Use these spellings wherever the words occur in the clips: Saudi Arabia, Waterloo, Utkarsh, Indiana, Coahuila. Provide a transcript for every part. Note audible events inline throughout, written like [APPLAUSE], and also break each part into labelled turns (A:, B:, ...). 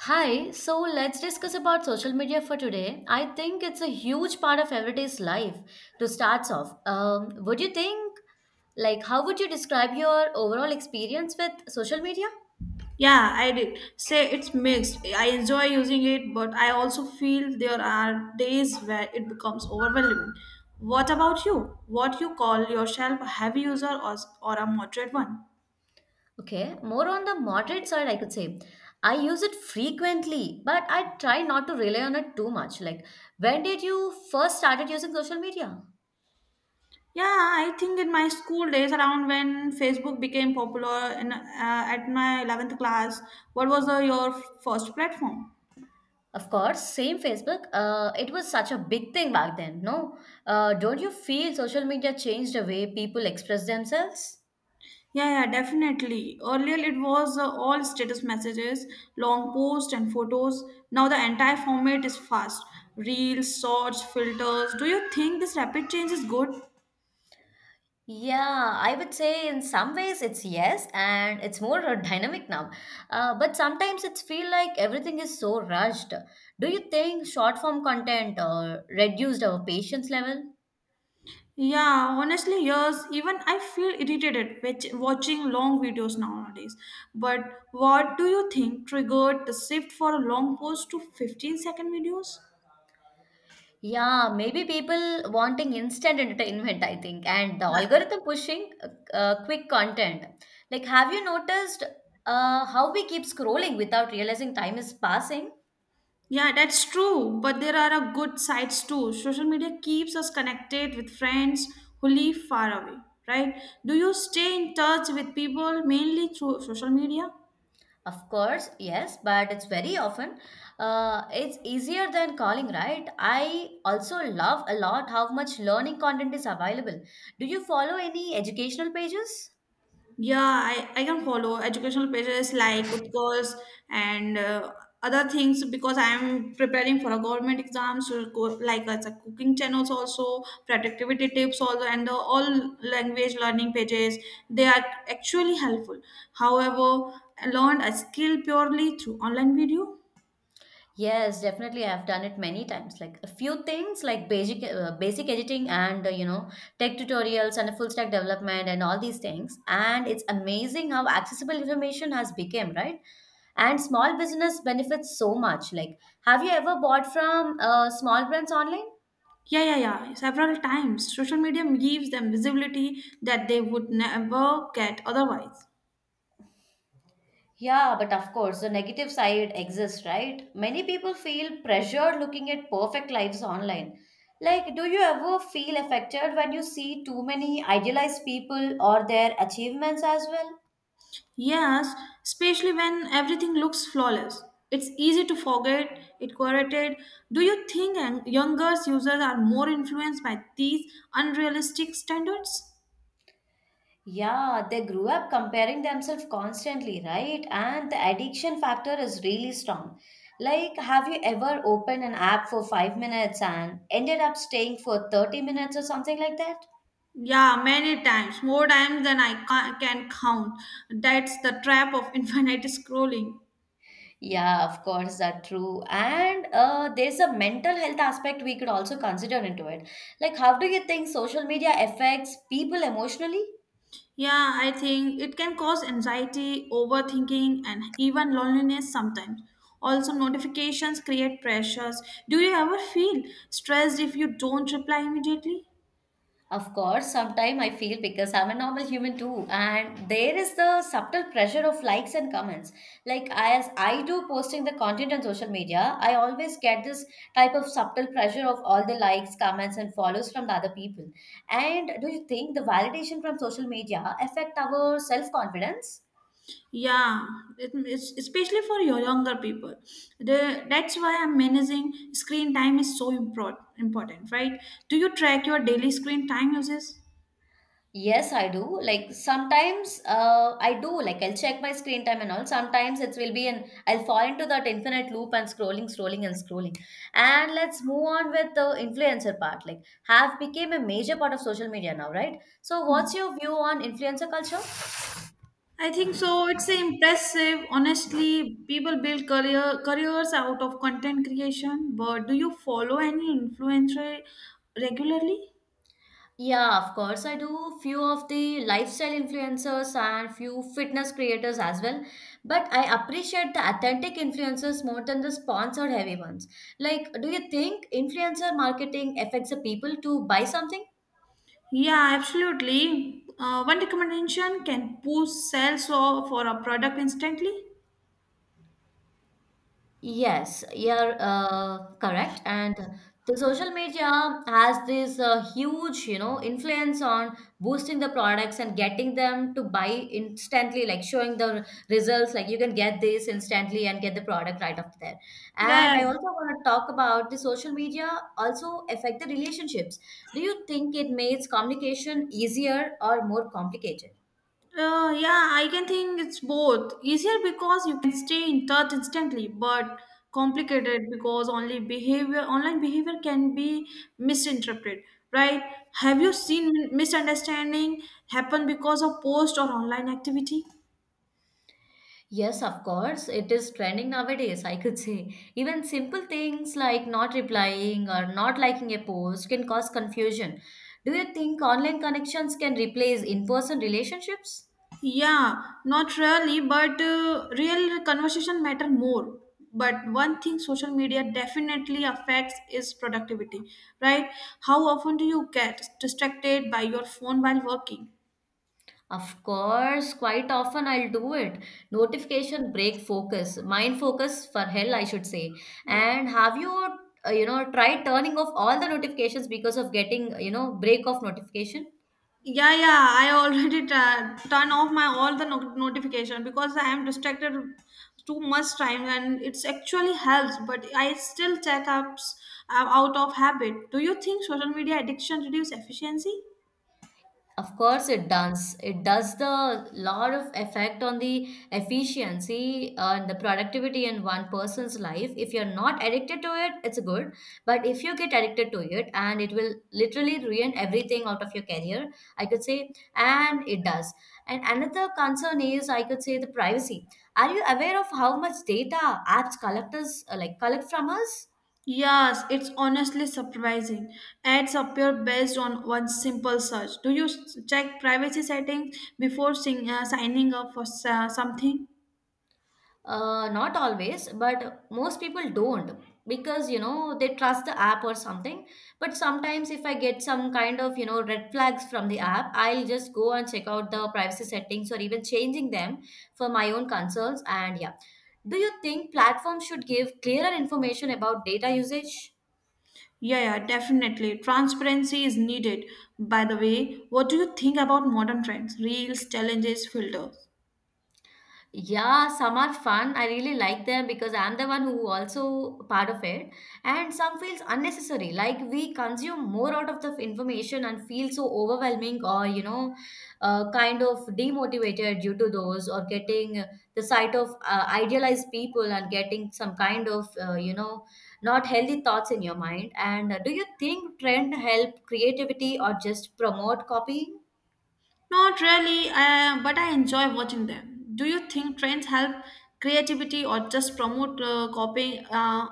A: Hi, so let's discuss about social media for today. I think it's a huge part of everyday's life to start off. Would you think, like, how would you describe your overall experience with social media?
B: Yeah, I did. Say it's mixed. I enjoy using it, but I also feel there are days where it becomes overwhelming. What about you? What you call yourself a heavy user or a moderate one?
A: Okay, more on the moderate side, I could say. I use it frequently, but I try not to rely on it too much. Like, when did you first started using social media?
B: Yeah, I think in my school days, around when Facebook became popular in, at my 11th class, what was your first platform?
A: Of course, same Facebook. It was such a big thing back then, no? Don't you feel social media changed the way people express themselves?
B: Yeah, yeah, definitely. Earlier it was all status messages, long posts and photos. Now the entire format is fast. Reels, shorts, filters. Do you think this rapid change is good?
A: Yeah, I would say in some ways it's yes, and it's more [LAUGHS] dynamic now. But sometimes it's feel like everything is so rushed. Do you think short form content reduced our patience level?
B: Yeah, honestly, yes. Even I feel irritated with watching long videos nowadays. But what do you think triggered the shift for a long post to 15 second videos?
A: Yeah, maybe people wanting instant entertainment, I think, and the algorithm pushing quick content. Like, have you noticed how we keep scrolling without realizing time is passing?
B: Yeah, that's true. But there are a good sides too. Social media keeps us connected with friends who live far away, right? Do you stay in touch with people mainly through social media?
A: Of course, yes, but it's very often it's easier than calling, right? I also love a lot how much learning content is available. Do you follow any educational pages?
B: Yeah, I can follow educational pages like Utkarsh and other things because I am preparing for a government exam. So like as a cooking channels also, productivity tips also, and the all language learning pages, they are actually helpful. However, I learned a skill purely through online video.
A: Yes, definitely. I've done it many times. Like a few things like basic basic editing and you know tech tutorials and a full stack development and all these things. And it's amazing how accessible information has become, right? And small business benefits so much. Like, have you ever bought from small brands online?
B: Yeah, yeah, yeah. Several times social media gives them visibility that they would never get otherwise.
A: Yeah, but of course, the negative side exists, right? Many people feel pressured looking at perfect lives online. Like, do you ever feel affected when you see too many idealized people or their achievements as well?
B: Yes, especially when everything looks flawless. It's easy to forget it correlated. Do you think younger users are more influenced by these unrealistic standards?
A: Yeah, they grew up comparing themselves constantly, right? And the addiction factor is really strong. Like, have you ever opened an app for 5 minutes and ended up staying for 30 minutes or something like that?
B: Yeah, many times, more times than can count. That's the trap of [LAUGHS] infinite scrolling.
A: Yeah, of course, that's true. And there's a mental health aspect we could also consider into it. Like, how do you think social media affects people emotionally?
B: Yeah, I think it can cause anxiety, overthinking, and even loneliness sometimes. Also, notifications create pressures. Do you ever feel stressed if you don't reply immediately?
A: Of course, sometimes I feel because I'm a normal human too, and there is the subtle pressure of likes and comments. Like as I do posting the content on social media, I always get this type of subtle pressure of all the likes, comments, and follows from the other people. And do you think the validation from social media affect our self confidence?
B: Yeah, especially for your younger people. That's why I'm managing screen time is so important, right? Do you track your daily screen time uses?
A: Yes, I do. Like sometimes I do. Like I'll check my screen time and all. Sometimes it will be an I'll fall into that infinite loop and scrolling, scrolling, and scrolling. And let's move on with the influencer part. Like have became a major part of social media now, right? So what's your view on influencer culture?
B: I think so. It's impressive. Honestly, people build careers out of content creation, but do you follow any influencer regularly?
A: Yeah, of course. I do few of the lifestyle influencers and few fitness creators as well. But I appreciate the authentic influencers more than the sponsored heavy ones. Like, do you think influencer marketing affects the people to buy something?
B: Yeah, absolutely. One recommendation can boost for a product instantly.
A: Yes, you're correct. And the social media has this huge, you know, influence on boosting the products and getting them to buy instantly, like showing the results, like you can get this instantly and get the product right after there. And
B: Yeah,
A: I
B: yeah.
A: also want to talk about the social media also affect the relationships. Do you think it makes communication easier or more complicated?
B: Yeah, I can think it's both. Easier because you can stay in touch instantly, but complicated because only behavior online behavior can be misinterpreted, right? Have you seen misunderstanding happen because of post or online activity?
A: Yes, of course. It is trending nowadays, I could say. Even simple things like not replying or not liking a post can cause confusion. Do you think online connections can replace in person relationships?
B: Yeah, not really, but real conversation matter more. But one thing social media definitely affects is productivity, right? How often do you get distracted by your phone while working?
A: Of course, quite often I'll do it. Notification break focus, mind focus for hell, I should say.
B: Yeah.
A: And have you, you know, tried turning off all the notifications because of getting, you know, break of notification?
B: Yeah, yeah. I already [LAUGHS] turn off my all the notification because I am distracted too much time, and it's actually helps. But I still check ups out of habit. Do you think social media addiction reduce efficiency?
A: Of course, it does. It does the lot of effect on the efficiency and the productivity in one person's life. If you're not addicted to it, it's good. But if you get addicted to it, and it will literally ruin everything out of your career, I could say, and it does. And another concern is, I could say, the privacy. Are you aware of how much data apps collectors like collect from us?
B: Yes, it's honestly surprising. Ads appear based on one simple search. Do you check privacy settings before signing up for something?
A: Not always, but most people don't because you know they trust the app or something. But sometimes, if I get some kind of you know red flags from the app, I'll just go and check out the privacy settings or even changing them for my own concerns. And yeah, do you think platforms should give clearer information about data usage?
B: Yeah, yeah, definitely. Transparency is needed. By the way, what do you think about modern trends, reels, challenges, filters?
A: Yeah, some are fun. I really like them because I'm the one who also part of it. And some feels unnecessary. Like we consume more out of the information and feel so overwhelming or, you know, kind of demotivated due to those or getting the sight of idealized people and getting some kind of, you know, not healthy thoughts in your mind. And do you think trend help creativity or just promote copying?
B: Not really, but I enjoy watching them. Do you think trends help creativity or just promote copying?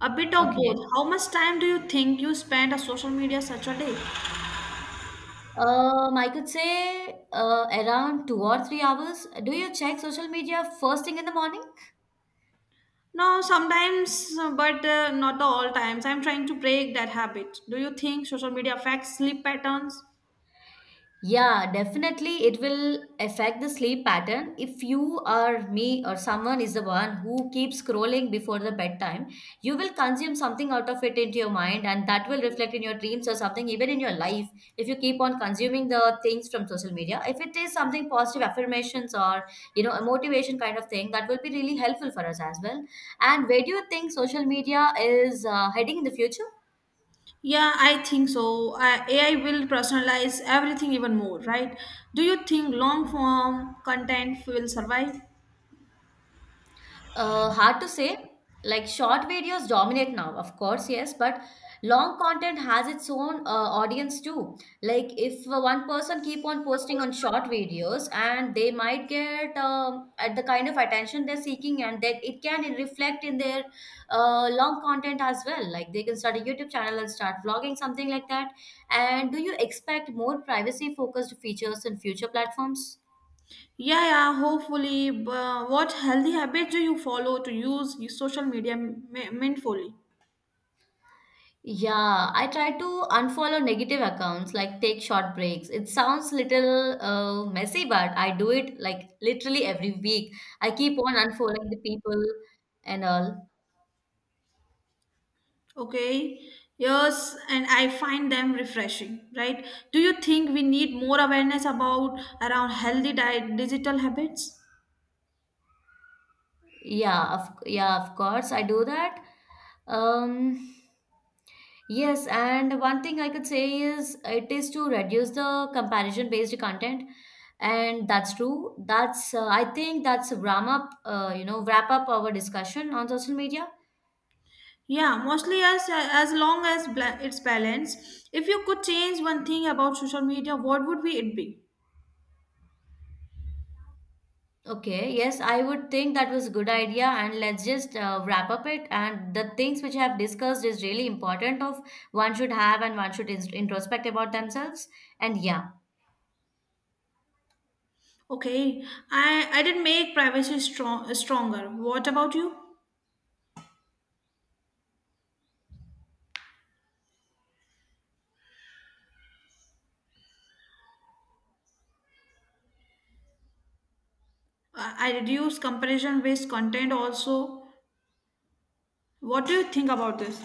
B: A bit of
A: Okay.
B: both. How much time do you think you spend on social media such a day?
A: I could say around 2 or 3 hours. Do you check social media first thing in the morning?
B: No, sometimes, but not the all times. I'm trying to break that habit. Do you think social media affects sleep patterns?
A: Yeah, definitely it will affect the sleep pattern. If you or me or someone is the one who keeps scrolling before the bedtime, you will consume something out of it into your mind and that will reflect in your dreams or something even in your life if you keep on consuming the things from social media. If it is something positive affirmations or you know a motivation kind of thing, that will be really helpful for us as well. And where do you think social media is heading in the future?
B: Yeah, I think so. AI will personalize everything even more, right? Do you think long form content will survive?
A: Hard to say. Like short videos dominate now, of course, yes, but long content has its own audience too. Like if one person keep on posting on short videos, and they might get at the kind of attention they're seeking, and that it can reflect in their long content as well. Like they can start a YouTube channel and start vlogging something like that. And do you expect more privacy-focused features in future platforms?
B: Yeah, yeah, hopefully. But what healthy habits do you follow to use social media mindfully?
A: Yeah, I try to unfollow negative accounts, like take short breaks. It sounds little messy, but I do it like literally every week. I keep on unfollowing the people and all.
B: Okay, yes, and I find them refreshing, right? Do you think we need more awareness about around healthy diet, digital habits?
A: Of course I do that. Um, yes, and one thing I could say is it is to reduce the comparison based content, and that's true. That's I think that's wrap up. You know, wrap up our discussion on social media.
B: Yeah, mostly as long as it's balanced. If you could change one thing about social media, what would be it be?
A: Okay, yes, I would think that was a good idea, and let's just wrap up it. And the things which I have discussed is really important of one should have and one should introspect about themselves. And yeah,
B: Okay, I did make privacy stronger. What about you? I reduce comparison based content also. What do you think about this?